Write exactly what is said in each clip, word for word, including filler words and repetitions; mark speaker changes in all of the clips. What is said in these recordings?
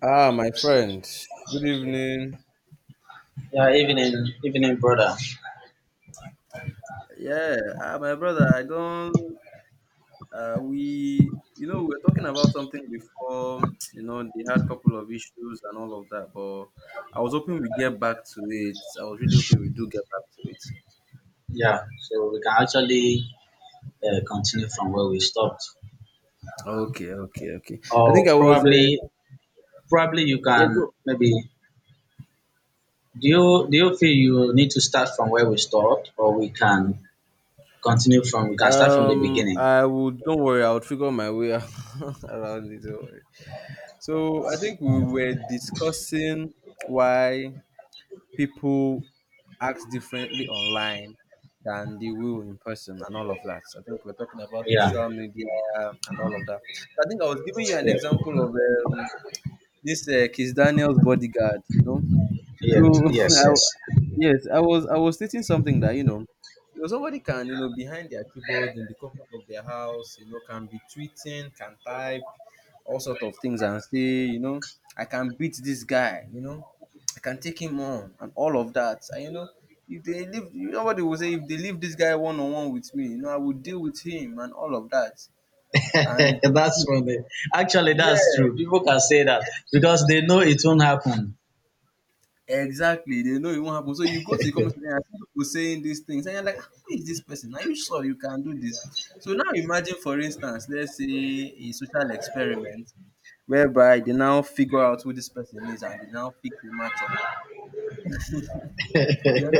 Speaker 1: Ah, my friend. Good evening.
Speaker 2: Yeah, evening, evening, brother.
Speaker 1: Yeah, uh, my brother, I don't. Uh, we, you know, we were talking about something before. You know, they had a couple of issues and all of that, but I was hoping we get back to it. I was really hoping we do get back to it.
Speaker 2: Yeah, so we can actually uh, continue from where we stopped,
Speaker 1: Okay, okay, okay. I think
Speaker 2: or
Speaker 1: I was.
Speaker 2: probably,
Speaker 1: Uh,
Speaker 2: probably you
Speaker 1: yeah, go.
Speaker 2: can maybe. Do you do you feel you need to start from where we stopped, or we can continue from? We can start from the
Speaker 1: Um,
Speaker 2: beginning.
Speaker 1: I would. Don't worry. I would figure my way around it. Don't worry. So I think we were discussing why people act differently online than they will in person and all of that. I think we're talking about
Speaker 2: Yeah,
Speaker 1: social media and all of that. I think I was giving you an
Speaker 2: yeah,
Speaker 1: example of um, this uh, Kiss Daniel's bodyguard, you know.
Speaker 2: yeah,
Speaker 1: So
Speaker 2: yes,
Speaker 1: I,
Speaker 2: yes.
Speaker 1: yes, I was I was stating something that you know, You know somebody can you know behind their keyboard in the comfort of their house, you know, can be tweeting, can type, all sort of things, and say, you know "I can beat this guy, you know, I can take him on," and all of that, and you know. If they leave, you know what they will say. If they leave this guy one on one with me, you know, I will deal with him and all of that. And
Speaker 2: that's funny. Actually, that's
Speaker 1: yeah,
Speaker 2: true. People can say that because they know it won't happen.
Speaker 1: exactly, they know it won't happen. So you go to the comment section and see people saying these things, and you're like, "Ah, who is this person? Are you sure you can do this?" So now imagine, for instance, let's say a social experiment whereby they now figure out who this person is and they now pick the matchup. You're now,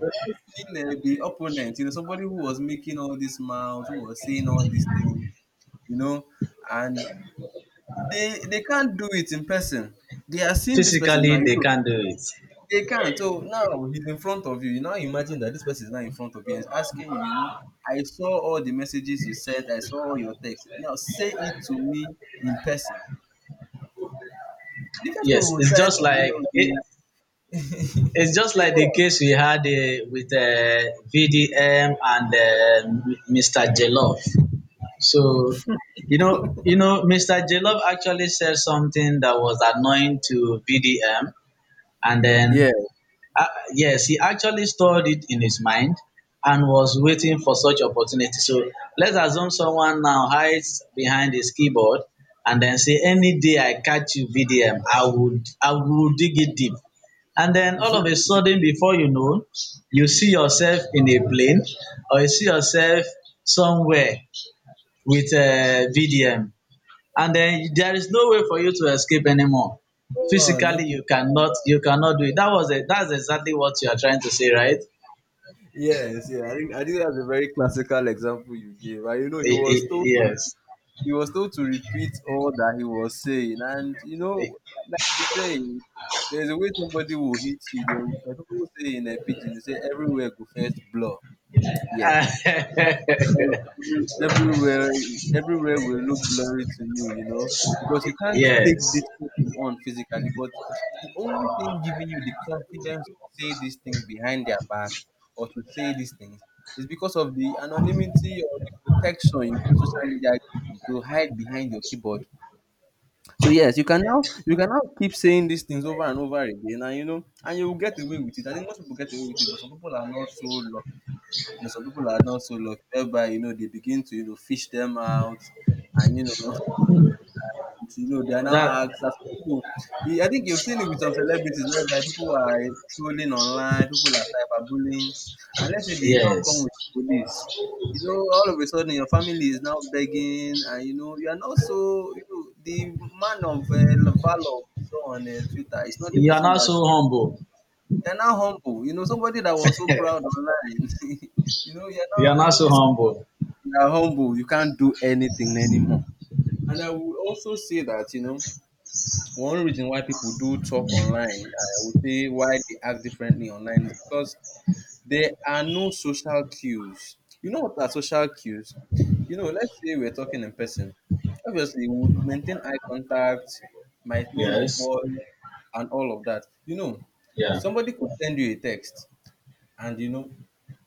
Speaker 1: you're now seeing uh, the opponent, you know, somebody who was making all this mouth, who was saying all these things, you know, and they they can't do it in person. They are seeing this person now.
Speaker 2: Physically,
Speaker 1: You
Speaker 2: they
Speaker 1: know,
Speaker 2: can't do it.
Speaker 1: they can't. So now he's in front of you. You now imagine that this person is now in front of you and is asking you, you know, "I saw all the messages you sent, I saw all your texts. Now say it to me in person." The person
Speaker 2: Yes,
Speaker 1: will
Speaker 2: it's
Speaker 1: try to,
Speaker 2: just
Speaker 1: you
Speaker 2: like
Speaker 1: know,
Speaker 2: it,
Speaker 1: the
Speaker 2: It's just
Speaker 1: they go
Speaker 2: like the
Speaker 1: on.
Speaker 2: case we had uh, with uh, V D M and uh, Mister Jelov. So, you know, you know, Mister Jelov actually said something that was annoying to V D M, and then
Speaker 1: Yeah.
Speaker 2: uh, yes, he actually stored it in his mind and was waiting for such opportunity. So let's assume someone now hides behind his keyboard and then say, "Any day I catch you V D M, I would I would dig it deep." And then all of a sudden, before you know, you see yourself in a plane or you see yourself somewhere with uh, V D M, and then there is no way for you to escape anymore.
Speaker 1: Go on, no
Speaker 2: Physically,
Speaker 1: people.
Speaker 2: you cannot you cannot do it. That was it That's exactly what you are trying to say, right?
Speaker 1: Yes, yeah. I think I think that's a very classical example you gave. And you know, he
Speaker 2: I-
Speaker 1: was
Speaker 2: I-
Speaker 1: told
Speaker 2: yes.
Speaker 1: he was told to repeat all that he was saying. And, you know, like they say, there's a way somebody will hit you. They will, like people say in a pidgin, they say, everywhere go first blow. Yes. ev- ev- Everywhere, everywhere will look blurry to you, you know, because you can't take
Speaker 2: Yes,
Speaker 1: this person on physically, but the only thing giving you the confidence to say these things behind their back or to say these things is because of the anonymity or the protection you feel social media gives you to hide behind your keyboard. So yes, you can now you can now keep saying these things over and over again, and you know, and you will get away with it. I think most people get away with it, but some people are not so, you know, some people are not so lucky whereby, you know, they begin to, you know, fish them out and, you know, and, you know, they are now
Speaker 2: that,
Speaker 1: asked as people. I think you've seen it with some celebrities whereby people are trolling online, people are cyberbullying, and let's say they now come
Speaker 2: yes,
Speaker 1: with police. You know, all of a sudden your family is now begging, and you know, you are not so, you know, the man of uh, valor we saw on uh, Twitter. It's not the
Speaker 2: you are
Speaker 1: person we
Speaker 2: not
Speaker 1: are
Speaker 2: so
Speaker 1: seeing.
Speaker 2: humble.
Speaker 1: You're now humble. You know, somebody that was so proud online. you know, you're
Speaker 2: You are
Speaker 1: now,
Speaker 2: not
Speaker 1: you know,
Speaker 2: so
Speaker 1: it's
Speaker 2: humble.
Speaker 1: You are humble. You can't do anything anymore. And I would also say that you know one reason why people do talk online, I would say why they act differently online is because there are no social cues. You know what are social cues? You know, let's say we're talking in person. Obviously, we would maintain eye contact, my tone of
Speaker 2: Yes,
Speaker 1: voice, and all of that. You know,
Speaker 2: yeah,
Speaker 1: somebody could send you a text and you know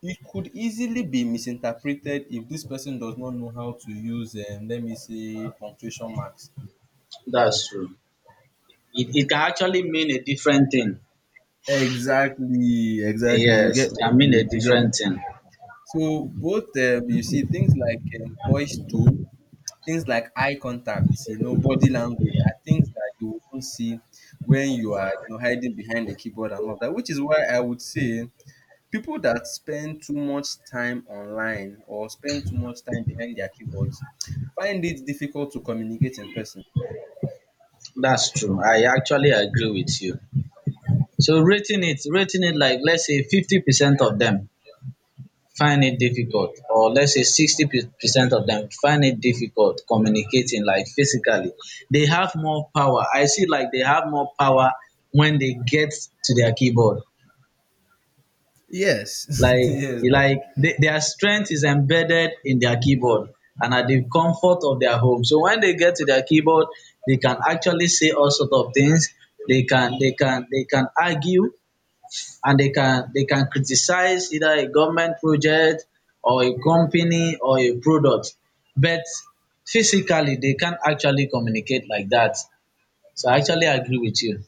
Speaker 1: it could easily be misinterpreted if this person does not know how to use, um, let me say, punctuation marks.
Speaker 2: that's true. It, it can actually mean a different thing.
Speaker 1: Exactly, exactly. You
Speaker 2: Yes,
Speaker 1: get
Speaker 2: it
Speaker 1: my
Speaker 2: can mean a
Speaker 1: point, you get.
Speaker 2: different thing.
Speaker 1: So both, um, you see things like, um, voice tone, things like eye contact, you know, body language are things that you won't see when you are, you know, hiding behind the keyboard and all that, which is why I would say people that spend too much time online or spend too much time behind their keyboards find it difficult to communicate in person.
Speaker 2: That's true, I actually agree with you. So rating it rating it like let's say 50 percent of them find it difficult, or let's say 60 percent of them find it difficult communicating like physically. They have more power. I see, like they have more power when they get to their keyboard.
Speaker 1: Yes,
Speaker 2: Like,
Speaker 1: yes.
Speaker 2: like they, their strength is embedded in their keyboard and at the comfort of their home. So when they get to their keyboard, they can actually say all sort of things. They can they can they can argue, and they can they can criticize either a government project or a company or a product. But physically, they can't actually communicate like that. So I actually agree with you.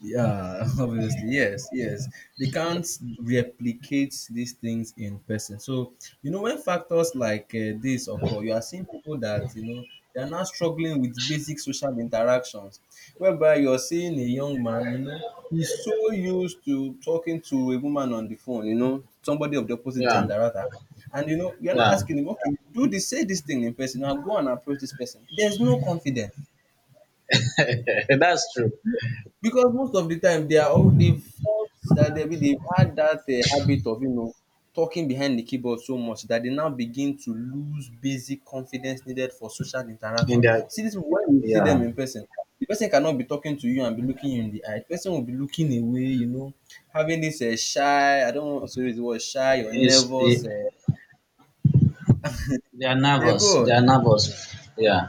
Speaker 1: Yeah, obviously, yes, yes, they can't replicate these things in person. So you know, when factors like uh, this occur, you are seeing people that, you know, they are now struggling with basic social interactions, whereby you're seeing a young man, you know, he's so used to talking to a woman on the phone, you know, somebody of the opposite
Speaker 2: Yeah.
Speaker 1: gender rather, and you know, you're not
Speaker 2: yeah
Speaker 1: asking him, okay, do this, say this thing in person, now go and approach this person, there's no confidence
Speaker 2: that's true.
Speaker 1: because most of the time they are all they've fought, that they they've had that uh, habit of, you know, talking behind the keyboard so much that they now begin to lose basic confidence needed for social interaction.
Speaker 2: In their
Speaker 1: See this people, when you see them
Speaker 2: Yeah,
Speaker 1: in person, the person cannot be talking to you and be looking you in the eye. The person will be looking away, you know, having this uh, shy. I don't want to use the word shy or
Speaker 2: it's,
Speaker 1: nervous. Uh,
Speaker 2: they are
Speaker 1: yeah,
Speaker 2: nervous,
Speaker 1: go
Speaker 2: they are
Speaker 1: on.
Speaker 2: nervous, yeah.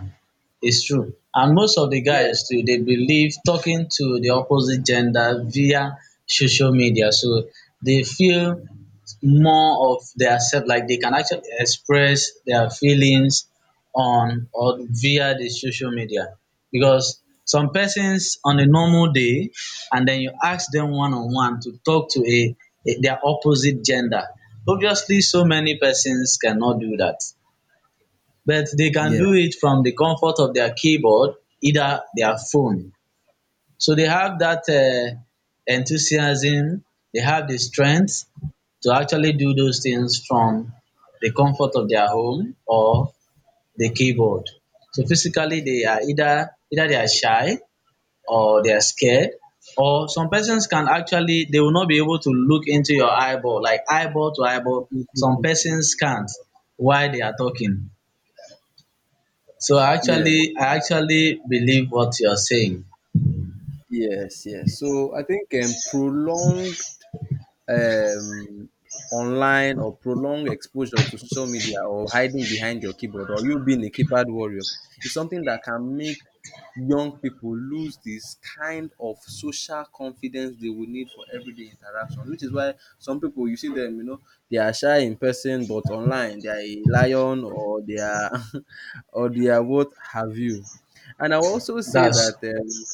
Speaker 2: It's true. And most of the guys
Speaker 1: Yes.
Speaker 2: too, they believe talking to the opposite gender via social media. So they feel more of their self, like they can actually express their feelings on or via the social media. Because some persons on a normal day, and then you ask them one on one to talk to a, a their opposite gender. Obviously, so many persons cannot do that, but they can
Speaker 1: Yeah.
Speaker 2: do it from the comfort of their keyboard, either their phone. So they have that uh, enthusiasm, they have the strength to actually do those things from the comfort of their home or the keyboard. So physically, they are either either they are shy, or they are scared, or some persons can actually, they will not be able to look into your eyeball, like eyeball to eyeball. Some persons can't while they are talking. So I
Speaker 1: Yes,
Speaker 2: actually I actually believe what you're saying.
Speaker 1: yes, yes. So I think, um, prolonged, um, online or prolonged exposure to social media or hiding behind your keyboard or you being a keypad warrior is something that can make young people lose this kind of social confidence they would need for everyday interaction, which is why some people you see them, you know, they are shy in person but online they are a lion or they are or they are what have you. And I will also say
Speaker 2: That's...
Speaker 1: that, um,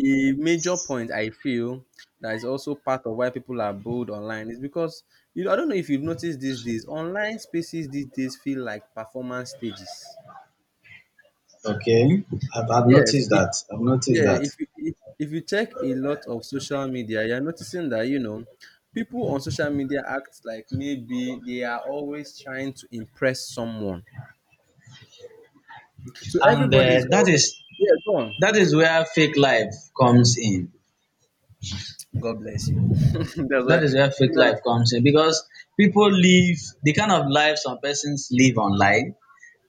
Speaker 1: a major point I feel that is also part of why people are bold online is because, you know, I don't know if you've noticed, these days, online spaces these days feel like performance stages.
Speaker 2: Okay, I've, I've
Speaker 1: Yes,
Speaker 2: noticed
Speaker 1: if
Speaker 2: that. I've noticed
Speaker 1: yeah,
Speaker 2: that.
Speaker 1: if you if, if you check a lot of social media, you're noticing that, you know, people on social media act like maybe they are always trying to impress someone. So
Speaker 2: and uh,
Speaker 1: everybody's
Speaker 2: that
Speaker 1: all,
Speaker 2: is...
Speaker 1: yeah, go on.
Speaker 2: that is where fake life comes in.
Speaker 1: God bless you. That's why
Speaker 2: That is where fake
Speaker 1: that's,
Speaker 2: life comes in, because people live... the kind of life some persons live online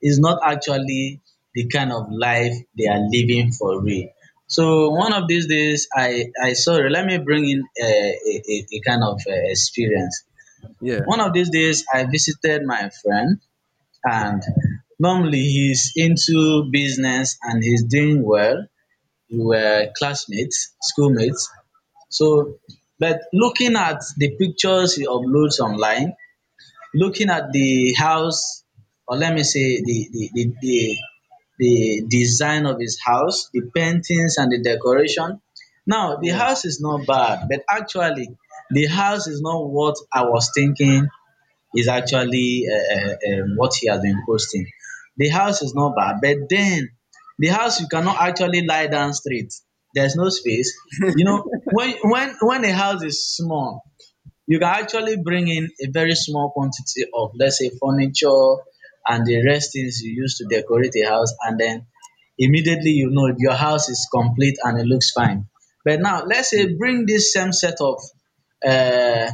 Speaker 2: is not actually the kind of life they are living for real. So one of these days, I I saw... Let me bring in a, a, a a kind of uh, experience.
Speaker 1: yeah.
Speaker 2: One of these days, I visited my friend, and normally he's into business and he's doing well. We were classmates, schoolmates. So, but looking at the pictures he uploads online, looking at the house, or let me say the the the the, the design of his house, the paintings and the decoration. Now, the house is not bad, but actually, the house is not what I was thinking is actually uh, uh, um, what he has been posting. The house is not bad, but then the house, you cannot actually lie down straight. There's no space. You know, when when when a house is small, you can actually bring in a very small quantity of let's say furniture and the rest things you use to decorate a house, and then immediately you know your house is complete and it looks fine. But now let's say bring this same set of uh,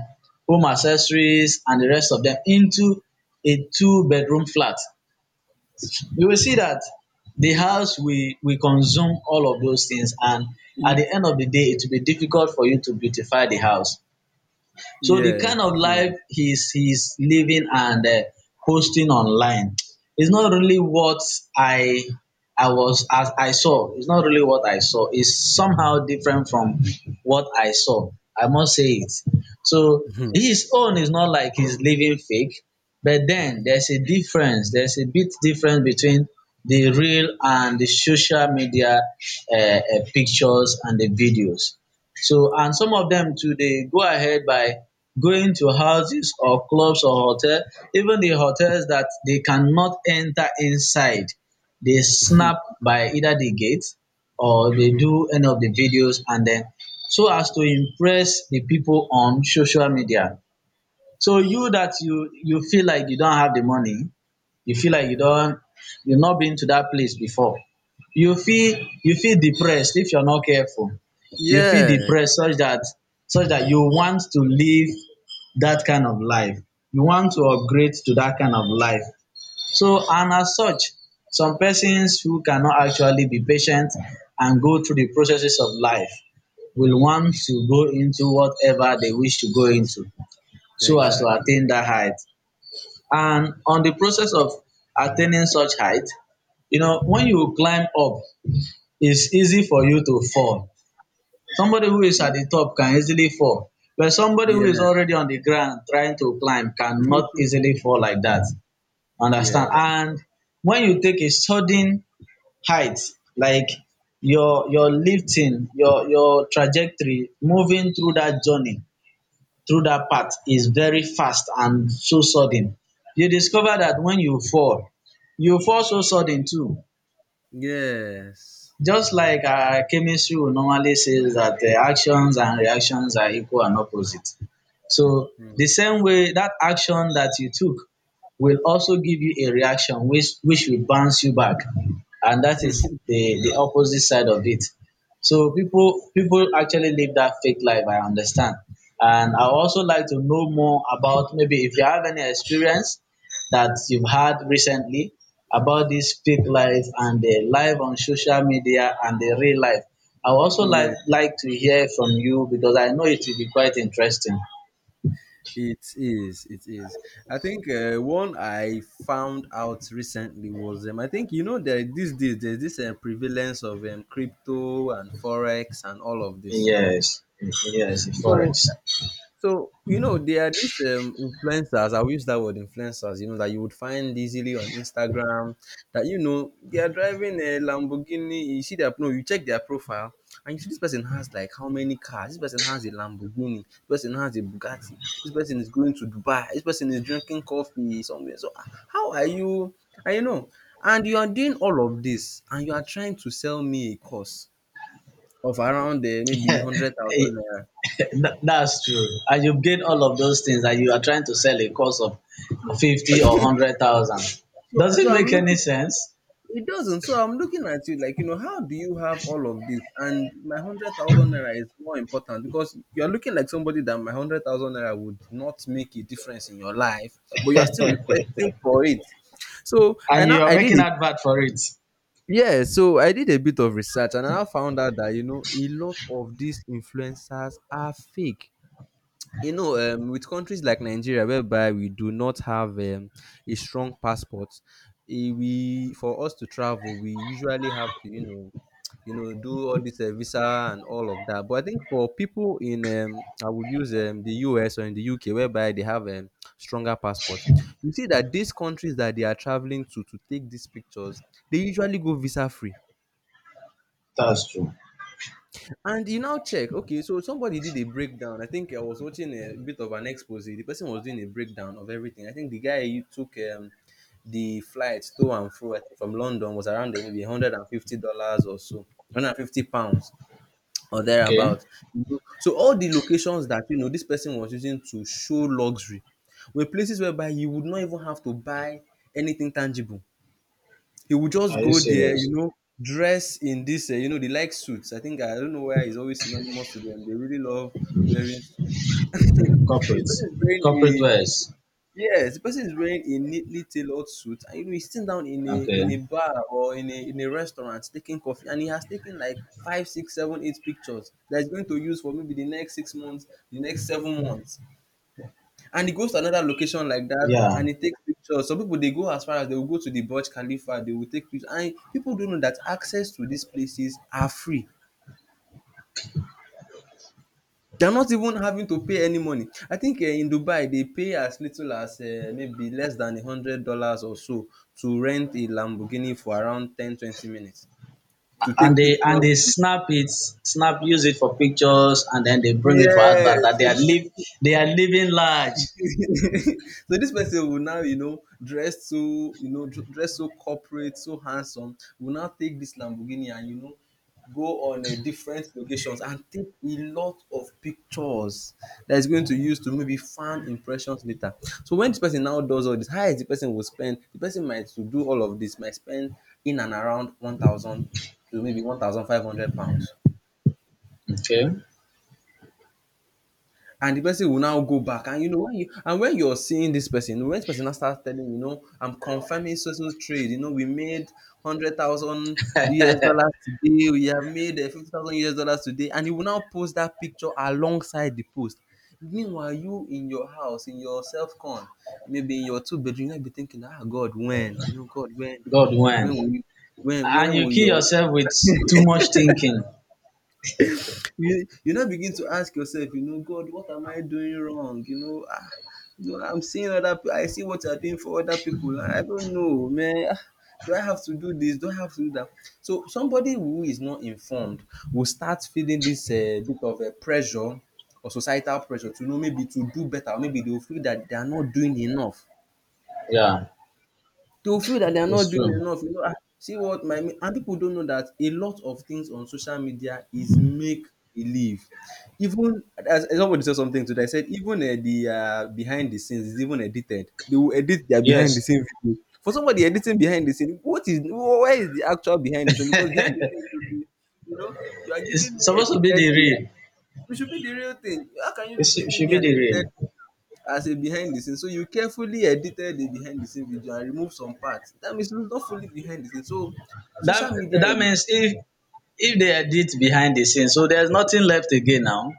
Speaker 2: home accessories and the rest of them into a two bedroom flat. You will see that the
Speaker 1: Yeah.
Speaker 2: house will will consume all of those things, and at the end of the day it will be difficult for you to beautify the house. So the
Speaker 1: Yes,
Speaker 2: kind of life
Speaker 1: yes.
Speaker 2: he's he's living and uh, posting online is not really what I... I was as I saw. It's not really what I saw. It's somehow different from what I saw, I must say it. So
Speaker 1: Mhm.
Speaker 2: his own is not like he's living fake, but then there's a difference. There's a bit difference between the real and the social media uh, uh, pictures and the videos. So, and some of them too, they go ahead by going to houses or clubs or hotel, even the hotels that they cannot enter inside. They snap by either the gate or they do any of the videos, and then so as to impress the people on social media. So you, that you you feel like you don't have the money, you feel like you don't... you have not been to that place before. You feel you feel depressed if you're not careful. You feel
Speaker 1: Yes,
Speaker 2: depressed, such that such that you want to live that kind of life. You want to upgrade to that kind of life. So and as such, some persons who cannot actually be patient and go through the processes of life will want to go into whatever they wish to go into so as to
Speaker 1: exactly.
Speaker 2: attain that height. And on the process of attaining such height, you know, when you climb up, it's easy for you to fall. Somebody who is at the top can easily fall, but somebody who is
Speaker 1: Yes,
Speaker 2: already on the ground trying to climb cannot easily fall like that. Understand?
Speaker 1: yes,
Speaker 2: And when you take a sudden height, like your your lifting, your your trajectory moving through that journey, through that path, is very fast and so sudden. You discover that when you fall, you fall so sudden too.
Speaker 1: yes.
Speaker 2: Just like uh, chemistry will normally says that uh, actions and reactions are equal and opposite. So
Speaker 1: Mm.
Speaker 2: the same way that action that you took will also give you a reaction which which will bounce you back, and that is the the opposite side of it. So people people actually live that fake life. I understand, and I also like to know more about maybe if you have any experience that you've had recently about this fake life, and the live on social media and the real life. I would also like
Speaker 1: Yes,
Speaker 2: like to hear from you, because I know it will be quite interesting.
Speaker 1: it is. It is. I think, uh, one I found out recently was, um, I think you know that these days there's this uh, prevalence of um, crypto and forex and all of this.
Speaker 2: Yes, yes, the
Speaker 1: So,
Speaker 2: forex.
Speaker 1: so you know there are these, um, influencers. I will use that word influencers. You know that you would find easily on Instagram. That you know they are driving a Lamborghini. You see their no. You check their profile and you see this person has like how many cars. This person has a Lamborghini. This person has a Bugatti. This person is going to Dubai. This person is drinking coffee somewhere. So ah, how are you? And you know, and you are doing all of this and you are trying to sell me a course of around, uh, maybe one hundred
Speaker 2: Eh,
Speaker 1: thousand naira.
Speaker 2: tha- that's true. And you've gained all of those things and you are trying to sell a course of
Speaker 1: So
Speaker 2: fifty or hundred thousand.
Speaker 1: so
Speaker 2: Does it
Speaker 1: so I'm
Speaker 2: make any
Speaker 1: looking.
Speaker 2: sense?
Speaker 1: It doesn't. So I'm looking at you like, you know, how do you have all of this? And my hundred thousand naira is more important because you're looking like somebody that my hundred thousand naira would not make a difference in your life, but you're still requesting for it. So I
Speaker 2: And
Speaker 1: now
Speaker 2: you are
Speaker 1: I did
Speaker 2: making
Speaker 1: it.
Speaker 2: advert for it.
Speaker 1: Yeah, so I did a bit of research and I now found out that you know a lot of these influencers are fake, you know, um, with countries like Nigeria whereby we do not have, um, a strong passport. Eh, we, for us to travel we usually have to, you know, you know, do all this uh, visa and all of that. But I think for people in, um, I would use, um, the US or in the U K whereby they have, um, stronger passports, you see that these countries that they are traveling to to take these pictures they usually go visa free.
Speaker 2: That's true.
Speaker 1: And you now check, okay, so somebody did a breakdown. I think I was watching a bit of an expose. The person was doing a breakdown of everything. I think the guy who took um, the flight to and fro, I think from London, was around there, maybe one hundred fifty dollars or so, one hundred fifty pounds or
Speaker 2: Okay.
Speaker 1: thereabout. You know, So all the locations that, you know, this person was using to show luxury were places whereby you would not even have to buy anything tangible. He would just
Speaker 2: Are you
Speaker 1: go there, you
Speaker 2: serious?
Speaker 1: know, Dress in this, uh, you know, they like suits. I think I don't know why it's always synonymous to them. They really love wearing suits. so the
Speaker 2: Corporate.
Speaker 1: person is wearing
Speaker 2: Corporate
Speaker 1: a
Speaker 2: wares.
Speaker 1: yes, the person is wearing a neatly tailored suit, and you know he's sitting down in a in
Speaker 2: Okay.
Speaker 1: a bar or in a in a restaurant taking coffee, and he has taken like five, six, seven, eight pictures that he's going to use for maybe the next six months, the next seven months. And he goes to another location like that
Speaker 2: Yeah.
Speaker 1: and he takes pictures. Some people they go as far as they will go to the Burj Khalifa, they will take pictures. And people don't know that access to these places are free. They're not even having to pay any money. I think uh, in Dubai they pay as little as uh, maybe less than a hundred dollars or so to rent a Lamborghini for around ten, twenty minutes to
Speaker 2: And
Speaker 1: take
Speaker 2: they, and
Speaker 1: pictures.
Speaker 2: they snap it, snap use it for pictures, and then they bring it for
Speaker 1: Yeah.
Speaker 2: advert that they
Speaker 1: So
Speaker 2: are
Speaker 1: they,
Speaker 2: live, they are living large.
Speaker 1: so this person will now you know dress so you know dr- dress so corporate, so handsome, will now take this Lamborghini and you know go on uh, different locations and take a lot of pictures that is going to use to maybe farm impressions later. So when this person now does all this, how is the person will spend, the person might, to do all of this, might spend in and around one thousand to maybe one thousand five hundred pounds.
Speaker 2: Okay.
Speaker 1: And the person will now go back, and you know when you and when you're seeing this person, when this person now starts telling you, you know, I'm confirming social trade, you know we made hundred thousand U S dollars US dollars today, we have made uh, fifty thousand U S dollars US dollars today, and you will now post that picture alongside the post. Meanwhile you in your house, in your self con, maybe in your two bedroom, you might be thinking, ah, God when, you know, God when
Speaker 2: God when,
Speaker 1: when will you, when
Speaker 2: and
Speaker 1: when
Speaker 2: you
Speaker 1: will
Speaker 2: kill
Speaker 1: your,
Speaker 2: yourself with too much thinking.
Speaker 1: you you now begin to ask yourself, you know, God, what am I doing wrong? You know, ah, you know, I'm seeing other pe- I see what you're doing for other people. I don't know, man. Ah, do I have to do this? Do I have to do that? So somebody who is not informed will start feeling this uh, bit of a pressure or societal pressure to know maybe to do better, or maybe they'll feel that they are not doing enough.
Speaker 2: Yeah,
Speaker 1: They will feel that they are not
Speaker 2: it's
Speaker 1: doing
Speaker 2: true.
Speaker 1: enough, you know, "Ah, see what my mate," and people don't know that a lot of things on social media is make believe. Even as as somebody said something today, I said even, eh, the, uh behind the scenes is even edited. They will edit their behind the
Speaker 2: Yes,
Speaker 1: scene video. For somebody editing behind the scene, what is wh where is the actual behind the scene? Because behind the scene should be, you know, you are giving
Speaker 2: it's
Speaker 1: me
Speaker 2: supposed to be
Speaker 1: edited
Speaker 2: the
Speaker 1: behind,
Speaker 2: real.
Speaker 1: it should be the real thing. How can you
Speaker 2: It
Speaker 1: be
Speaker 2: should
Speaker 1: giving
Speaker 2: should
Speaker 1: me
Speaker 2: be
Speaker 1: an
Speaker 2: the
Speaker 1: edited
Speaker 2: real.
Speaker 1: as a behind the scene? So you carefully edited the behind the scene video and remove some parts, that means it's not fully behind the scene. So
Speaker 2: That...
Speaker 1: social media is,
Speaker 2: that means if if they edit behind the scenes, so there's nothing left again now.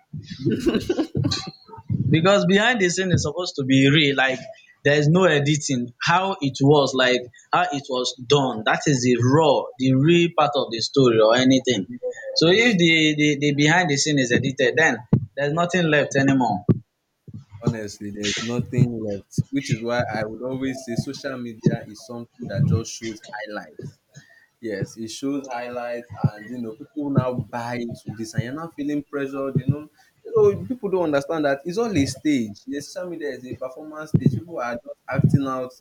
Speaker 2: Because behind the scene is supposed to be real, like there is no editing. How it was like, how it was done, that is the raw, the real part of the story or anything. So if
Speaker 1: yes,
Speaker 2: the the, the behind the scene is edited, then there's nothing left anymore.
Speaker 1: honestly there's nothing left, which is why I would always say social media is something that just shows highlights. Yes, it shows highlights and, you know, people now buy into this and you're now feeling pressured, you know. You know, people don't understand that it's all a stage. The social media is a performance stage. People are just acting out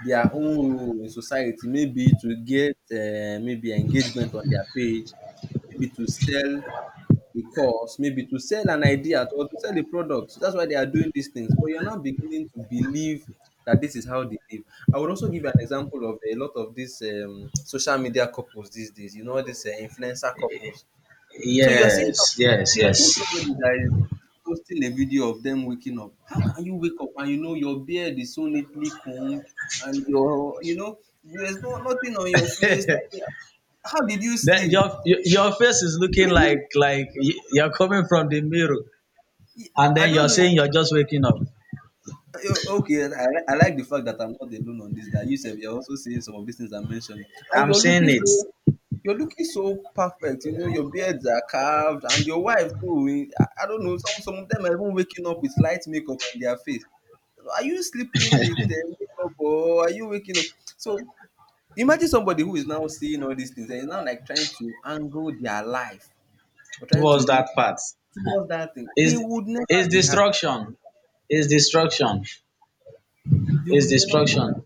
Speaker 1: their own role in society, maybe to get, uh, maybe engagement on their page, maybe to sell, because maybe to sell an idea or to sell a product. So that's why they are doing these things. But you're not beginning to believe that this is how they live. I would also give an example of a lot of these um, social media couples these days. You know, these uh, influencer couples. So you're seeing some,
Speaker 2: Yes,
Speaker 1: so
Speaker 2: yes,
Speaker 1: you're
Speaker 2: yes,
Speaker 1: seeing somebody that is posting a video of them waking up. How can you wake up and you know your beard is so neatly combed and your, you know, there's no nothing on your face, nothing. How did you
Speaker 2: that
Speaker 1: sleep?
Speaker 2: your your your face is looking like like y- you're coming from the mirror, and
Speaker 1: I
Speaker 2: then
Speaker 1: don't
Speaker 2: you're
Speaker 1: know.
Speaker 2: saying you're just waking up.
Speaker 1: Yo, okay, I, I like the fact that I'm not alone on this. That you said you're also saying some of these things I mentioned, and
Speaker 2: I'm
Speaker 1: you're
Speaker 2: saying
Speaker 1: looking
Speaker 2: it.
Speaker 1: so, you're looking so perfect. You know, your beards are carved, and your wife too. Eh, I, I don't know. Some some of them are even waking up with light makeup on their face. Are you sleeping with uh, makeup, or are you waking up? So imagine somebody who is now seeing all these things and is now like trying to angle their life or trying to you
Speaker 2: Towards that
Speaker 1: know
Speaker 2: part,
Speaker 1: towards that thing. They
Speaker 2: is
Speaker 1: would never
Speaker 2: is
Speaker 1: be happy.
Speaker 2: destruction. Is destruction.
Speaker 1: They
Speaker 2: Is
Speaker 1: would never be.
Speaker 2: destruction.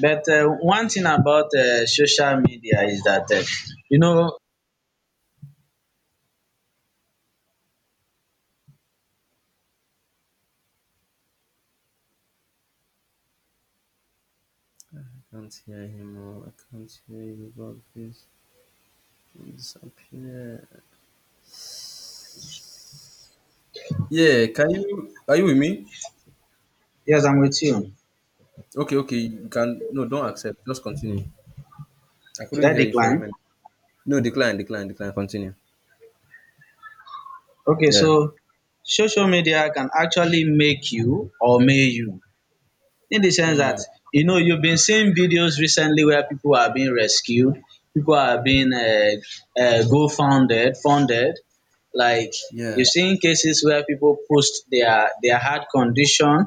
Speaker 2: But uh, one thing about uh, social media is that, uh, you know,
Speaker 1: Can't hear him, or I can't hear his loud voice can disappear. Yeah, can you, are you with me?
Speaker 2: yes, I'm with you.
Speaker 1: Okay, okay, you can, no don't accept, just continue. I
Speaker 2: Should
Speaker 1: couldn't
Speaker 2: I
Speaker 1: hear you for a
Speaker 2: decline?
Speaker 1: minute. No, decline, decline, decline, continue.
Speaker 2: Okay,
Speaker 1: Yeah.
Speaker 2: so social media can actually make you or may you, in the sense that,
Speaker 1: Hmm.
Speaker 2: you know, you've been seeing videos recently where people are being rescued, people are being uh, uh, go founded, funded. Like
Speaker 1: Yeah.
Speaker 2: you're seeing cases where people post their their hard condition,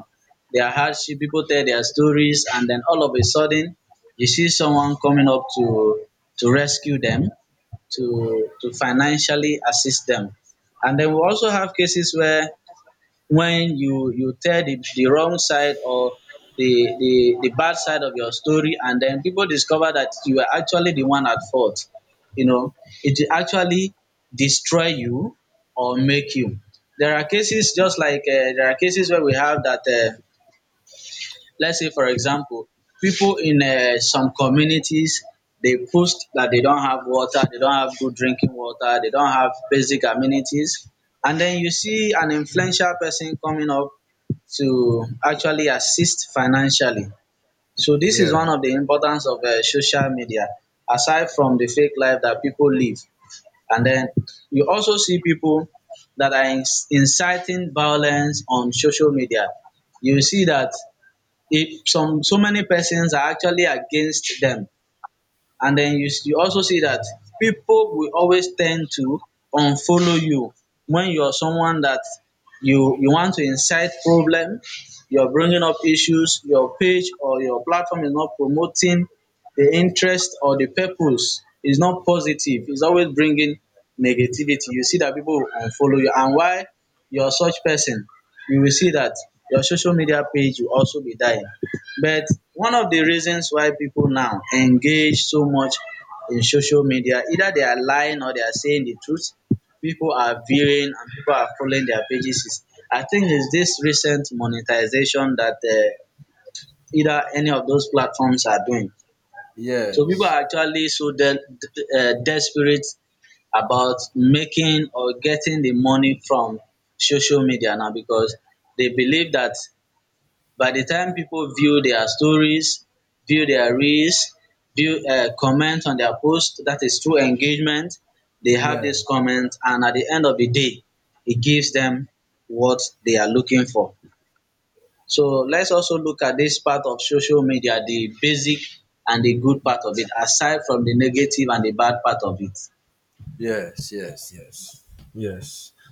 Speaker 2: their hardship. People tell their stories, and then all of a sudden you see someone coming up to to rescue them, to to financially assist them. And then we also have cases where when you you tell the, the wrong side or the, the the bad side of your story, and then people discover that you are actually the one at fault. You know, it will actually destroy you or make you. There are cases just like uh, there are cases where we have that uh, let's say, for example, people in um some communities, they post that they don't have water, they don't have good drinking water, they don't have basic amenities. And then you see an influential person coming up to actually assist financially. So this is
Speaker 1: Yeah.
Speaker 2: one of the importance of um social media, aside from the fake life that people live. And then you also see people that are ins- inciting violence on social media. You see that if some, so many persons are actually against them. And then you, s- you also see that people will always tend to unfollow you when you're someone that you you want to incite problem. You're bringing up issues. Your page or your platform is not promoting the interest, or the purpose is not positive, it's always bringing negativity. You see that people will unfollow you, and while you're such person, you will see that your social media page will also be dying. But one of the reasons why people now engage so much in social media, either they are lying or they are saying the truth, people are viewing and people are following their pages, is I think it's this recent monetization that uh, either any of those platforms are doing. So people
Speaker 1: Yes.
Speaker 2: are actually so de- de- uh, desperate about making or getting the money from social media now, because they believe that by the time people view their stories, view their reels, view, uh, comment on their post, that is true engagement. They have
Speaker 1: Yeah.
Speaker 2: this comment, and at the end of the day, it gives them what they are looking for. So let's also look at this part of social media, the basic and the good part of it, aside from the negative and the bad part of it.
Speaker 1: Yes, yes, yes, yes.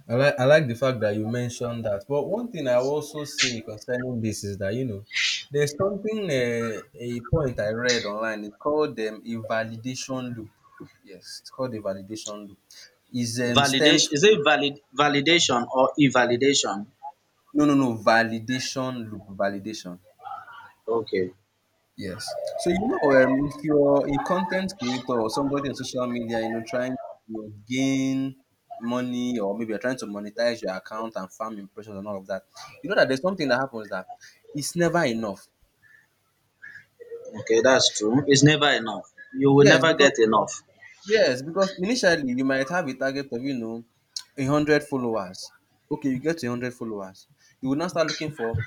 Speaker 1: I like I like the fact that you mentioned that. But one thing I also say concerning this is that you know, there's something uh, a point I read online. It's called um, a validation loop. Yes, it's called a validation loop. Is um stems
Speaker 2: Validation, is
Speaker 1: from,
Speaker 2: it valid validation or invalidation?
Speaker 1: no no no, validation loop, validation.
Speaker 2: Okay,
Speaker 1: Yes. So you know, um, if you're a content creator or somebody on social media, you know, trying to gain money or maybe you're trying to monetize your account and farm impressions and all of that, you know that there's something that happens that it's never enough.
Speaker 2: okay, that's true. It's never enough. You will
Speaker 1: Yes,
Speaker 2: never
Speaker 1: because
Speaker 2: get enough.
Speaker 1: yes, because initially you might have a target of, you know, a hundred followers. Okay, you get to a hundred followers. You will now start looking for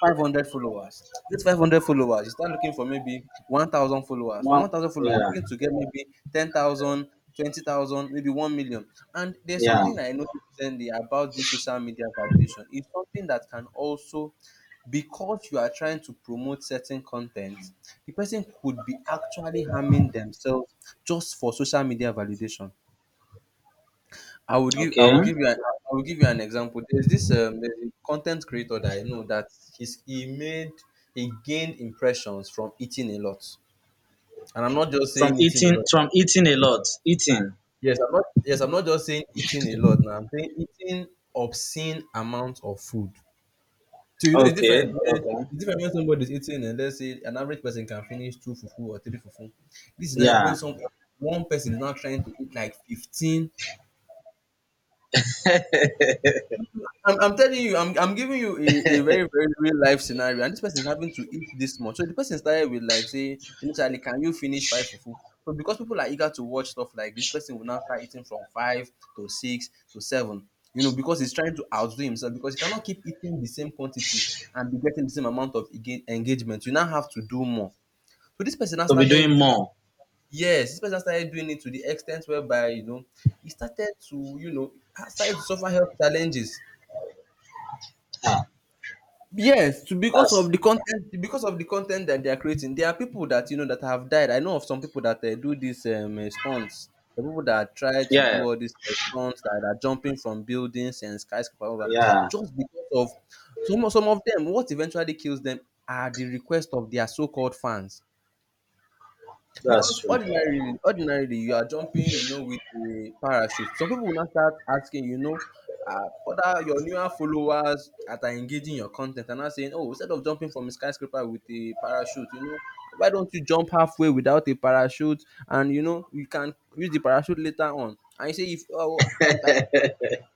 Speaker 1: five hundred followers. This five hundred followers, you start looking for maybe one thousand followers. From
Speaker 2: Wow.
Speaker 1: one thousand followers,
Speaker 2: Yeah.
Speaker 1: you're looking to get maybe ten thousand, twenty thousand, maybe one million. And there's
Speaker 2: Yeah.
Speaker 1: something I noticed recently about this social media validation. It's something that can also, because you are trying to promote certain content, the person could be actually harming themselves just for social media validation. I would give I
Speaker 2: Okay.
Speaker 1: would give you an, I would give you an example. There's this um there's a content creator that I know that he's he made he gained impressions from eating a lot. And I'm not just
Speaker 2: From
Speaker 1: saying eating a
Speaker 2: eating,
Speaker 1: lot.
Speaker 2: from eating a lot. Eating.
Speaker 1: Yes, I'm not yes, I'm not just saying eating a lot now. I'm saying eating obscene amount of food. So you know it's different
Speaker 2: Okay.
Speaker 1: when
Speaker 2: Okay.
Speaker 1: it's different when somebody's eating, and let's say an average person can finish two fufu or three fufu. This is not when
Speaker 2: Yeah.
Speaker 1: some One person is now trying to eat like fifteen, I'm, I'm telling you, I'm, I'm giving you a, a very, very real life scenario, and this person is having to eat this much. So the person started with like say initially, can you finish five fufu? But because people are eager to watch stuff like this, person will now start eating from five to six to seven. You know, because he's trying to outdo himself because he cannot keep eating the same quantity and be getting the same amount of ega- engagement. You now have to do more. So this person now
Speaker 2: To be
Speaker 1: started
Speaker 2: doing
Speaker 1: doing
Speaker 2: more.
Speaker 1: yes, this person started doing it to the extent whereby you know he started to you know started to suffer health challenges.
Speaker 2: Ah,
Speaker 1: Yes, to because of
Speaker 2: that's
Speaker 1: the content, because of the content that they are creating, there are people that you know that have died. I know of some people that uh, do these um, uh, stunts. The people that try to do
Speaker 2: yeah.
Speaker 1: all these uh, stunts that are jumping from buildings and skyscraper over,
Speaker 2: Yeah.
Speaker 1: just because of some of- some of them. What eventually kills them are the request of their so-called fans.
Speaker 2: That's
Speaker 1: Because
Speaker 2: true.
Speaker 1: ordinarily ordinarily you are jumping, you know, with a parachute. Some people will now start asking, you know, uh, other your newer followers that are engaging your content and are now saying, "Oh, instead of jumping from a skyscraper with a parachute, you know, why don't you jump halfway without a parachute and, you know, you can use the parachute later on." And you say if oh, if I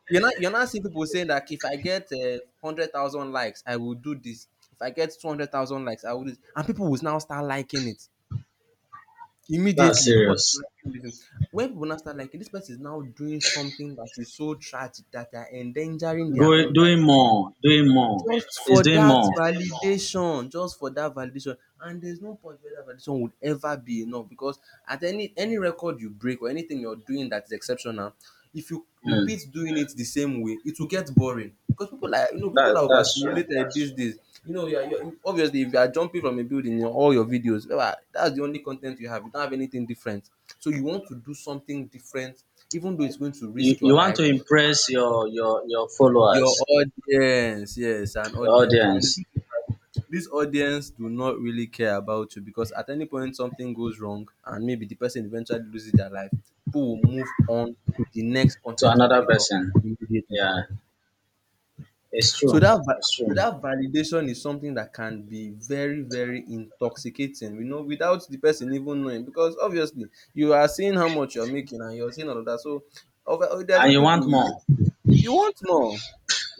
Speaker 1: you're not you're not seeing people saying that if I get um a hundred thousand likes, I will do this. If I get two hundred thousand likes, I will do this. And people will now start liking it.
Speaker 2: That's
Speaker 1: Immediately, people are
Speaker 2: serious.
Speaker 1: liking this thing. When people now start liking, this person is now doing something that is so tragic that they are endangering their
Speaker 2: Going
Speaker 1: own life
Speaker 2: doing more. Doing more.
Speaker 1: just
Speaker 2: Is
Speaker 1: for
Speaker 2: doing
Speaker 1: that
Speaker 2: more.
Speaker 1: validation, just for that validation. And there's no point where that validation would ever be enough, because at any any record you break or anything you're doing that is exceptional, if you
Speaker 2: Hmm.
Speaker 1: repeat doing it the same way, it will get boring, because people like, you know, people
Speaker 2: That,
Speaker 1: are
Speaker 2: that's true.
Speaker 1: overstimulated these days. You know, you're, you're you- obviously if you are jumping from a building in all your videos, well, that's the only content you have. You don't have anything different, so you want to do something different, even though it's going to
Speaker 2: You,
Speaker 1: risk your
Speaker 2: you want
Speaker 1: life.
Speaker 2: to impress your your your
Speaker 1: Your
Speaker 2: followers,
Speaker 1: audience, yes, an
Speaker 2: your
Speaker 1: audience. And the
Speaker 2: audience
Speaker 1: truth is that this audience do not really care about you, because at any point something goes wrong and maybe the person eventually loses their life, people will move on to the next
Speaker 2: to
Speaker 1: content
Speaker 2: another
Speaker 1: creator
Speaker 2: person.
Speaker 1: immediately.
Speaker 2: Yeah. It's
Speaker 1: So
Speaker 2: true.
Speaker 1: that va-
Speaker 2: It's
Speaker 1: so
Speaker 2: true.
Speaker 1: that validation is something that can be very, very intoxicating, you know, without the person even knowing. Because obviously you are seeing how much you're making and you're seeing all of that. So of, I
Speaker 2: And
Speaker 1: think
Speaker 2: you
Speaker 1: people
Speaker 2: want
Speaker 1: will,
Speaker 2: more.
Speaker 1: you want more.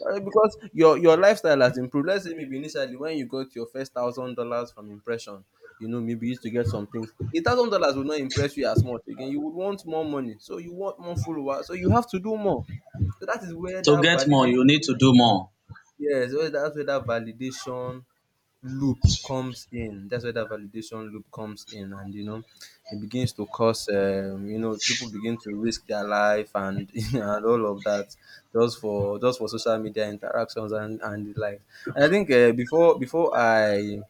Speaker 1: Uh, because your your lifestyle has improved. Let's say maybe initially when you got your first thousand dollars from impression, you know, maybe you used to get some things. A thousand dollars will not impress you as much again. You would want more money, so you want more followers, so you have to do more. So that is where
Speaker 2: To
Speaker 1: that
Speaker 2: get more, you need
Speaker 1: validation,
Speaker 2: to do more.
Speaker 1: yes, where- that's where that validation loop comes in. That's where that validation loop comes in, and you know, it begins to cause, um, you know, people begin to risk their life and and all of that, just for just for social media interactions and and the like. And I think uh, before before I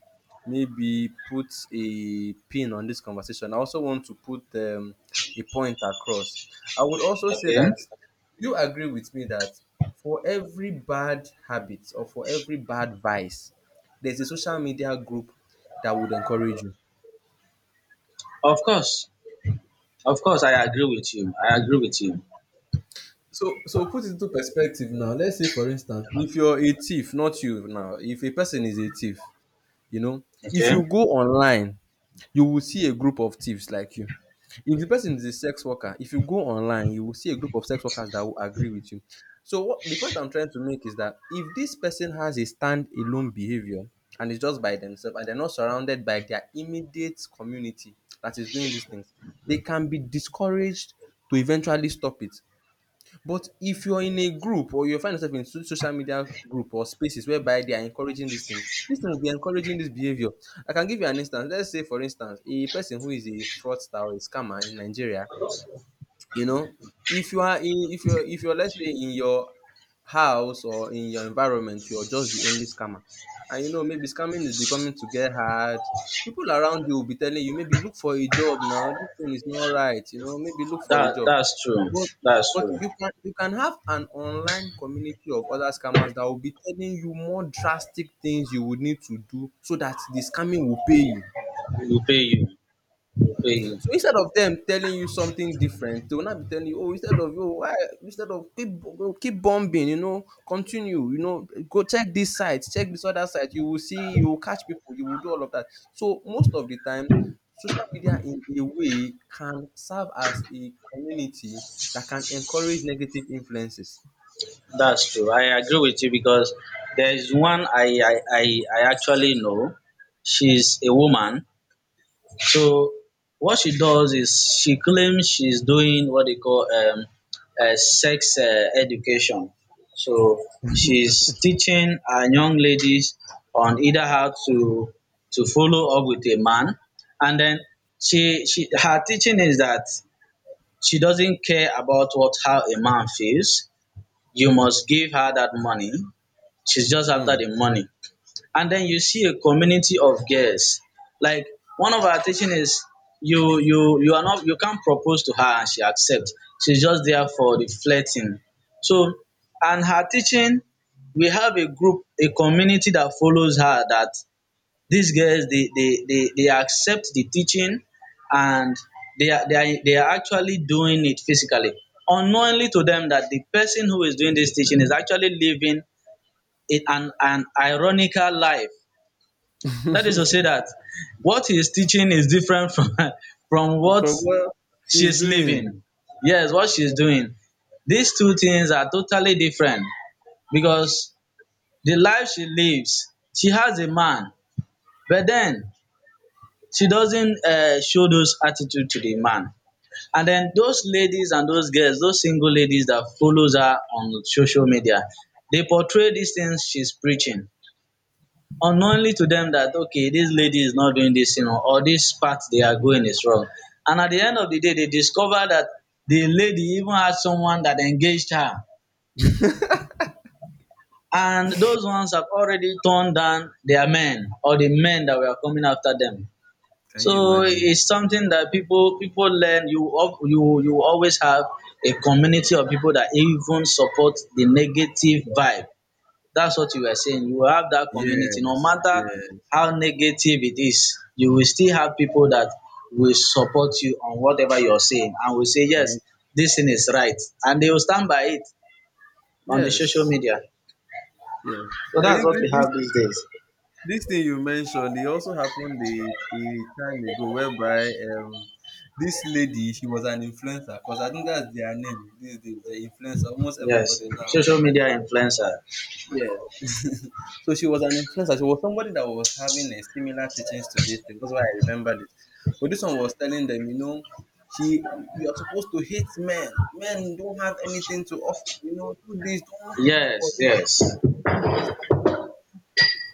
Speaker 1: maybe put a pin on this conversation, I also want to put um, a point across. I would also say
Speaker 2: Okay.
Speaker 1: that you agree with me that for every bad habit or for every bad vice there's a social media group that would encourage you.
Speaker 2: Of course. Of course, I agree with you. I agree with you.
Speaker 1: So, so put it into perspective now. Let's say, for instance, if you're a thief, not you now, if a person is a thief, you know, if
Speaker 2: Okay.
Speaker 1: you go online you will see a group of thieves like you. If the person is a sex worker, if you go online, you will see a group of sex workers that will agree with you. So what the point I'm trying to make is that if this person has a stand-alone behavior and is just by themselves and they're not surrounded by their immediate community that is doing these things, they can be discouraged to eventually stop it. But if you're in a group or you find yourself in so- social media group or spaces whereby they are encouraging these things, this thing will be encouraging this behavior. I can give you an instance. Let's say, for instance, a person who is a fraudster or a scammer in Nigeria, you know, if you are in, if you're, if you're, let's say, in your house or in your environment, you're just the only scammer. And you know, maybe scamming is becoming to get hard. People around you will be telling you, maybe look for a job now. This thing is not right. You know, maybe look for a
Speaker 2: That,
Speaker 1: job.
Speaker 2: that's true.
Speaker 1: But
Speaker 2: That's
Speaker 1: but
Speaker 2: true.
Speaker 1: you can you can have an online community of other scammers that will be telling you more drastic things you would need to do so that the scamming will pay you.
Speaker 2: We pay you. We pay you.
Speaker 1: So instead of them telling you something different, they will not be telling you, oh, instead of you, why instead of keep bo- keep bombing, you know, continue, you know, go check this site, check this other site, you will see, you will catch people, you will do all of that. So most of the time, social media in a way can serve as a community that can encourage negative influences.
Speaker 2: That's true. I agree with you, because there is one I I, I, I actually know. She's a woman. So what she does is she claims she's doing what they call, um, uh, sex uh, education. So she's teaching our young ladies on either how to to follow up with a man. And then she she her teaching is that she doesn't care about what, how a man feels. You must give her that money. She's just
Speaker 1: Hmm.
Speaker 2: after the money. And then you see a community of girls. Like, one of our teaching is you you you are not, you can't propose to her and she accept. She's just there for the flirting. So, and her teaching, we have a group, a community that follows her, that these girls, they they they they accept the teaching, and they are they are they are actually doing it physically. Unknowingly to them that the person who is doing this teaching is actually living a an an ironical life. That is to say that what he is teaching is different from from what
Speaker 1: From what
Speaker 2: she
Speaker 1: she's
Speaker 2: is
Speaker 1: doing.
Speaker 2: living. Yes, what she is
Speaker 1: Yeah.
Speaker 2: doing. These two things are totally different, because the life she lives, she has a man, but then she doesn't uh, show those attitude to the man. And then those ladies and those girls, those single ladies that follows her on social media, they portray these things she's preaching, unknowingly to them that okay, this lady is not doing this, you know, or this path they are going is wrong. And at the end of the day, they discover that the lady even had someone that engaged her, and those ones have already turned down their men or the men that were coming after them.
Speaker 1: Can you
Speaker 2: So
Speaker 1: imagine?
Speaker 2: it's something that people, people learn. You al- you you always have a community of people that even support the negative vibe. That's what you were saying. You will have that
Speaker 1: Yes,
Speaker 2: community. No matter
Speaker 1: yes, yes,
Speaker 2: how negative it is, you will still have people that will support you on whatever you're saying and will say, yes, this thing is right. And they will stand by it on the social
Speaker 1: yes,
Speaker 2: media.
Speaker 1: yes.
Speaker 2: So
Speaker 1: I
Speaker 2: that's
Speaker 1: think
Speaker 2: what
Speaker 1: thi-
Speaker 2: we
Speaker 1: this
Speaker 2: have these days.
Speaker 1: this thing you mentioned, it also happened a, a time ago, whereby um this lady, she was an influencer, because I think that's their name these days. The influencer, almost
Speaker 2: Yes,
Speaker 1: everybody now
Speaker 2: social
Speaker 1: is an,
Speaker 2: media influencer.
Speaker 1: yes. So she was an influencer. She was somebody that was having a similar teachings to this thing. That's why I remembered it. But this one was telling them, you know, she, you are supposed to hate men. Men don't have anything to offer. You know, do this, don't, for
Speaker 2: Yes, yes.
Speaker 1: don't do this for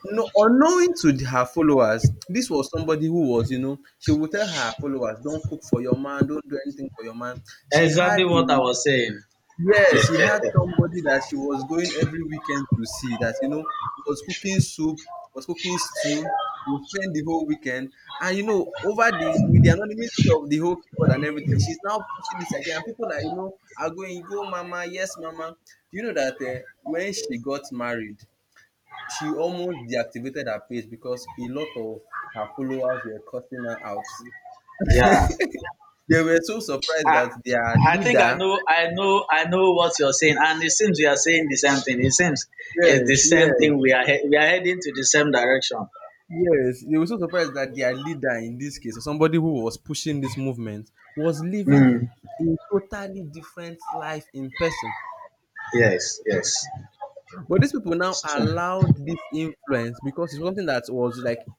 Speaker 1: no, unknowing to the- her followers, this was somebody who was, you know, she would tell her followers, don't cook for your man, don't do anything for your man. She
Speaker 2: Exactly
Speaker 1: had
Speaker 2: what I
Speaker 1: a,
Speaker 2: was saying.
Speaker 1: yes, she had somebody that she was going every weekend to see that, you know, was cooking soup, was cooking stew, would spend the whole weekend. And, you know, over the, with the anonymity of the whole keyboard and everything, she's now pushing this idea. And people are, you know, are going, go, mama, yes, mama. Do you know that uh, when she got married, she almost deactivated her page because a lot of her followers were cussing her out.
Speaker 2: yeah.
Speaker 1: They were so surprised
Speaker 2: I
Speaker 1: that their
Speaker 2: I think I
Speaker 1: leader,
Speaker 2: know I know I know what you're saying, and it seems we are saying the same thing. It seems it's the
Speaker 1: yes,
Speaker 2: same
Speaker 1: yes,
Speaker 2: thing. We are he- we are heading to the same direction.
Speaker 1: yes, they were so surprised that their leader, in this case, or somebody who was pushing this movement, was living
Speaker 2: Mm.
Speaker 1: a totally different life in person.
Speaker 2: Yes, yes,
Speaker 1: But these people now
Speaker 2: it's true.
Speaker 1: allowed this influence because it's something that was like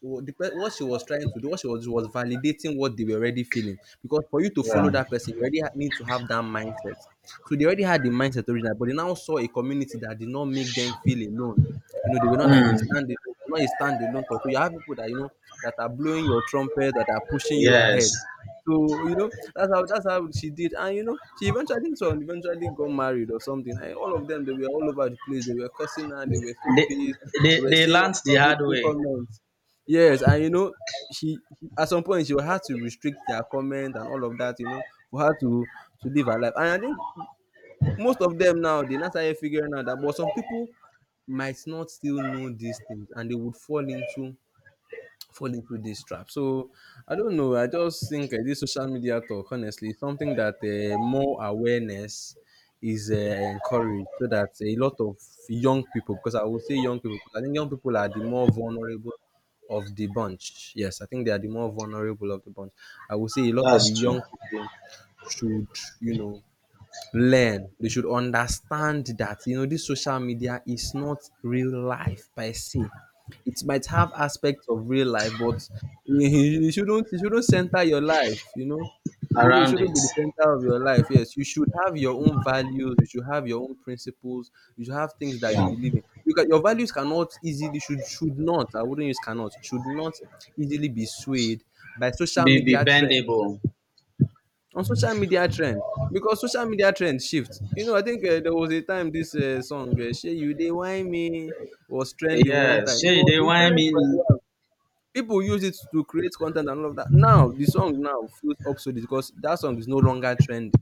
Speaker 1: wa- the what she was trying to do, what she was was validating, what they were already feeling. Because for you to follow
Speaker 2: Yeah.
Speaker 1: that person, you already ha- need to have that mindset. So they already had the mindset originally, but they now saw a community that did not make them feel alone. You know, they were not like a
Speaker 2: Mm.
Speaker 1: stand not a standalone thought. So you have people that, you know, that are blowing your trumpet, that are pushing you
Speaker 2: Yes,
Speaker 1: ahead. So you know, that's how that's how she did, and you know she eventually, I think so eventually got married or something. And all of them, they were all over the place. They were cursing her. They were so
Speaker 2: they,
Speaker 1: pissed.
Speaker 2: they
Speaker 1: They were
Speaker 2: they
Speaker 1: saying all
Speaker 2: learned
Speaker 1: sorts
Speaker 2: the
Speaker 1: of
Speaker 2: hard
Speaker 1: hateful
Speaker 2: way.
Speaker 1: comments. Yes, and you know, she she at some point she will have to restrict their comment and all of that, you know, for her to to live her life. And I think most of them now, they now started figuring out that, but some people might not still know these things and they would fall into fall into this trap. So I don't know. I just think uh, this social media talk, honestly, is something that uh, more awareness is uh, encouraged, so that a lot of young people, because I would say young people, because I think young people are the more vulnerable of the bunch. Yes, I think they are the more vulnerable of the bunch. I would say a lot of
Speaker 2: That's true.
Speaker 1: young people should, you know, learn. They should understand that, you know, this social media is not real life per se. It might have aspects of real life, but you you shouldn't you shouldn't center your life, you know. You shouldn't, you
Speaker 2: Around
Speaker 1: shouldn't
Speaker 2: it.
Speaker 1: be the center of your life. Yes, you should have your own values. You should have your own principles. You should have things that you
Speaker 2: Yeah.
Speaker 1: believe in. Because your values cannot easily, should should not. I wouldn't use cannot, should not easily be swayed by social
Speaker 2: Be be
Speaker 1: media trends,
Speaker 2: bendable.
Speaker 1: on social media trend, because social media trend shift. You know, I think uh, there was a time this uh, song, uh, shey you dey whine me, was trending one time.
Speaker 2: Yes.
Speaker 1: It
Speaker 2: Shey,
Speaker 1: was,
Speaker 2: they
Speaker 1: it
Speaker 2: want
Speaker 1: trended for a
Speaker 2: meaning.
Speaker 1: while. People use it to create content and all of that. Now the song now feels obsolete because that song is no longer trending.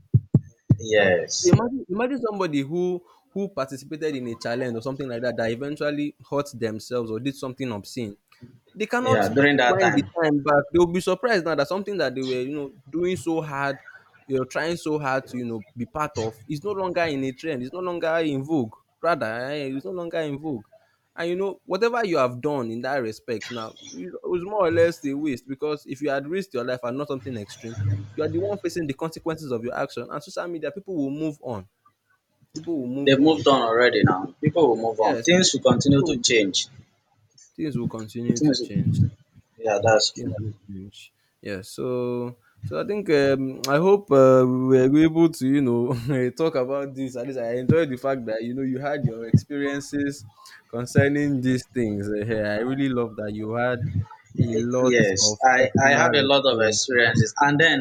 Speaker 1: So
Speaker 2: Yes.
Speaker 1: imagine imagine somebody who who participated in a challenge or something like that, that eventually hurt themselves or did something obscene. They cannot
Speaker 2: Yeah. During that
Speaker 1: wind the
Speaker 2: time.
Speaker 1: time back. They'll be surprised now that something that they were, you know, doing so hard, you know, trying so hard to, you know, be part of is no longer in a trend. It's no longer in vogue. Rather, eh, it's no longer in vogue. And you know, whatever you have done in that respect now, it was more or less a waste, because if you had risked your life and not something extreme, you are the one facing the consequences of your action. And social media, people will move on. People will move
Speaker 2: They've
Speaker 1: on.
Speaker 2: moved on already now. People will move on.
Speaker 1: Yes,
Speaker 2: Things
Speaker 1: people,
Speaker 2: will continue
Speaker 1: people
Speaker 2: to
Speaker 1: will-
Speaker 2: change.
Speaker 1: things will continue to
Speaker 2: Things
Speaker 1: change.
Speaker 2: will- yeah, that's
Speaker 1: Things
Speaker 2: true.
Speaker 1: will change. Yeah. So so I think um, I hope uh, we were able to, you know, talk about this. At least I enjoyed the fact that you know you had your experiences concerning these things. Uh, yeah, I really love that you had a
Speaker 2: Y-
Speaker 1: lot
Speaker 2: yes,
Speaker 1: of
Speaker 2: I, I
Speaker 1: personal
Speaker 2: have a lot of
Speaker 1: experiences.
Speaker 2: experiences. And then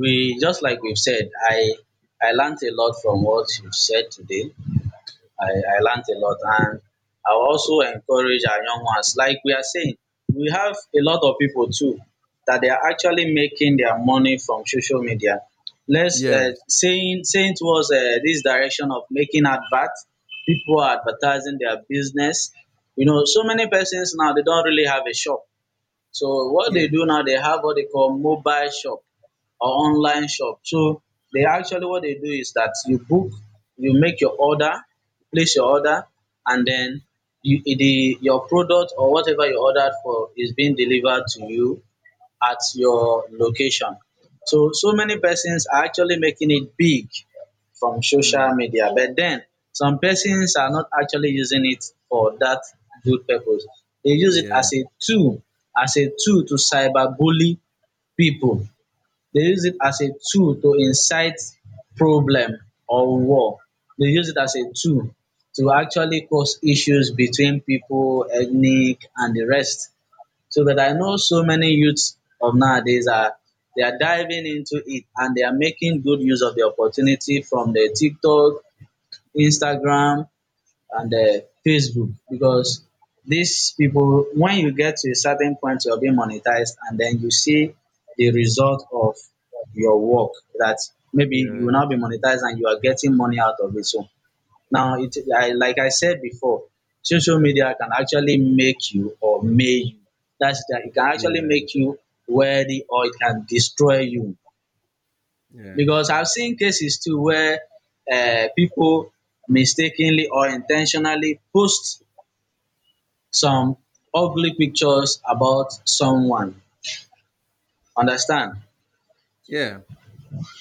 Speaker 2: we just like we've said, I I learned a lot from what you've said today. I, I learned a lot. And I also encourage our young ones, like we are saying, we have a lot of people too that they are actually making their money from social media. Let's uh,
Speaker 1: Yes.
Speaker 2: saying, saying towards uh, this direction of making advert. People are advertising their business. You know, so many persons now, they don't really have a shop. So what
Speaker 1: Yeah.
Speaker 2: they do now, they have what they call mobile shop or online shop. So they actually, what they do is that you book, you make your order, place your order, and then you the your product or whatever you ordered for is being delivered to you at your location. So, so many persons are actually making it big from
Speaker 1: Hmm.
Speaker 2: social media. But then, some persons are not actually using it for that good purpose. They use it
Speaker 1: Yeah.
Speaker 2: as a tool, as a tool to cyber bully people. They use it as a tool to incite problem or war. They use it as a tool to actually cause issues between people, ethnic, and the rest. So, but I know so many youths of nowadays are, they are diving into it and they are making good use of the opportunity from the TikTok, Instagram, and the Facebook. Because these people, when you get to a certain point, you're being monetized, and then you see the result of your work, that maybe you will
Speaker 1: Yeah.
Speaker 2: now be monetized and you are getting money out of it. So, now, it, I like I said before, social media can actually make you or may you. That's the, it can
Speaker 1: Yeah.
Speaker 2: actually make you wealthy or it can destroy you. Because
Speaker 1: Yes.
Speaker 2: I've seen cases too where um pipu mistakenly or in ten tionally post some ugly pictures about someone, understand?
Speaker 1: Yeah.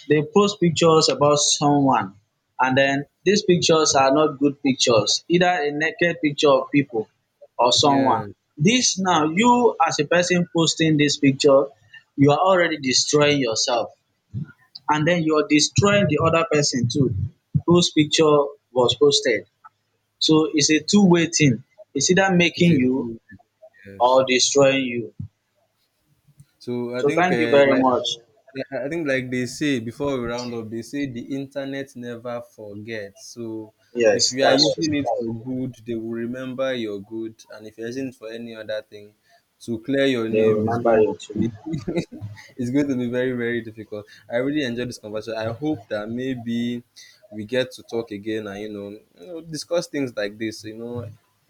Speaker 2: They post pictures about someone, and then these pictures are not good pictures, either a naked picture of people or someone.
Speaker 1: Yeah.
Speaker 2: This now, you as a person posting this picture, you are already destroying yourself, and then you're destroying the other person too, whose picture was posted. So it's a two-way thing. It's either
Speaker 1: It's
Speaker 2: making
Speaker 1: a,
Speaker 2: you
Speaker 1: yes.
Speaker 2: or destroying you.
Speaker 1: So I
Speaker 2: So
Speaker 1: think
Speaker 2: thank you
Speaker 1: uh,
Speaker 2: very
Speaker 1: like,
Speaker 2: much.
Speaker 1: yeah, I I think like they say, before we round up, they say the internet never forgets. So if
Speaker 2: Yes,
Speaker 1: you are
Speaker 2: that's
Speaker 1: using
Speaker 2: true.
Speaker 1: it for good, they will remember your good, and if you're using it for any other thing, to clear your
Speaker 2: They will
Speaker 1: name is going
Speaker 2: remember you
Speaker 1: to
Speaker 2: too.
Speaker 1: be it's going to be very, very difficult. I really enjoyed this conversation. I hope that maybe we get to talk again and, you know, you know discuss things like this. You know,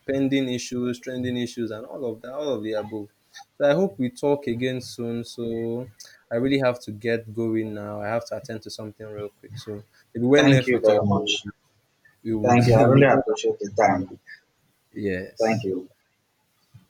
Speaker 1: pending issues, trending issues, and all of that, all of the above. So I hope we talk again soon. So I really have to get going now. I have to attend to something real quick. So maybe when
Speaker 2: Thank
Speaker 1: next
Speaker 2: you
Speaker 1: we
Speaker 2: very
Speaker 1: talk,
Speaker 2: much.
Speaker 1: we would
Speaker 2: Thank you. I
Speaker 1: we
Speaker 2: really
Speaker 1: would talk
Speaker 2: appreciate the
Speaker 1: about.
Speaker 2: time. Thank
Speaker 1: Yes.
Speaker 2: you.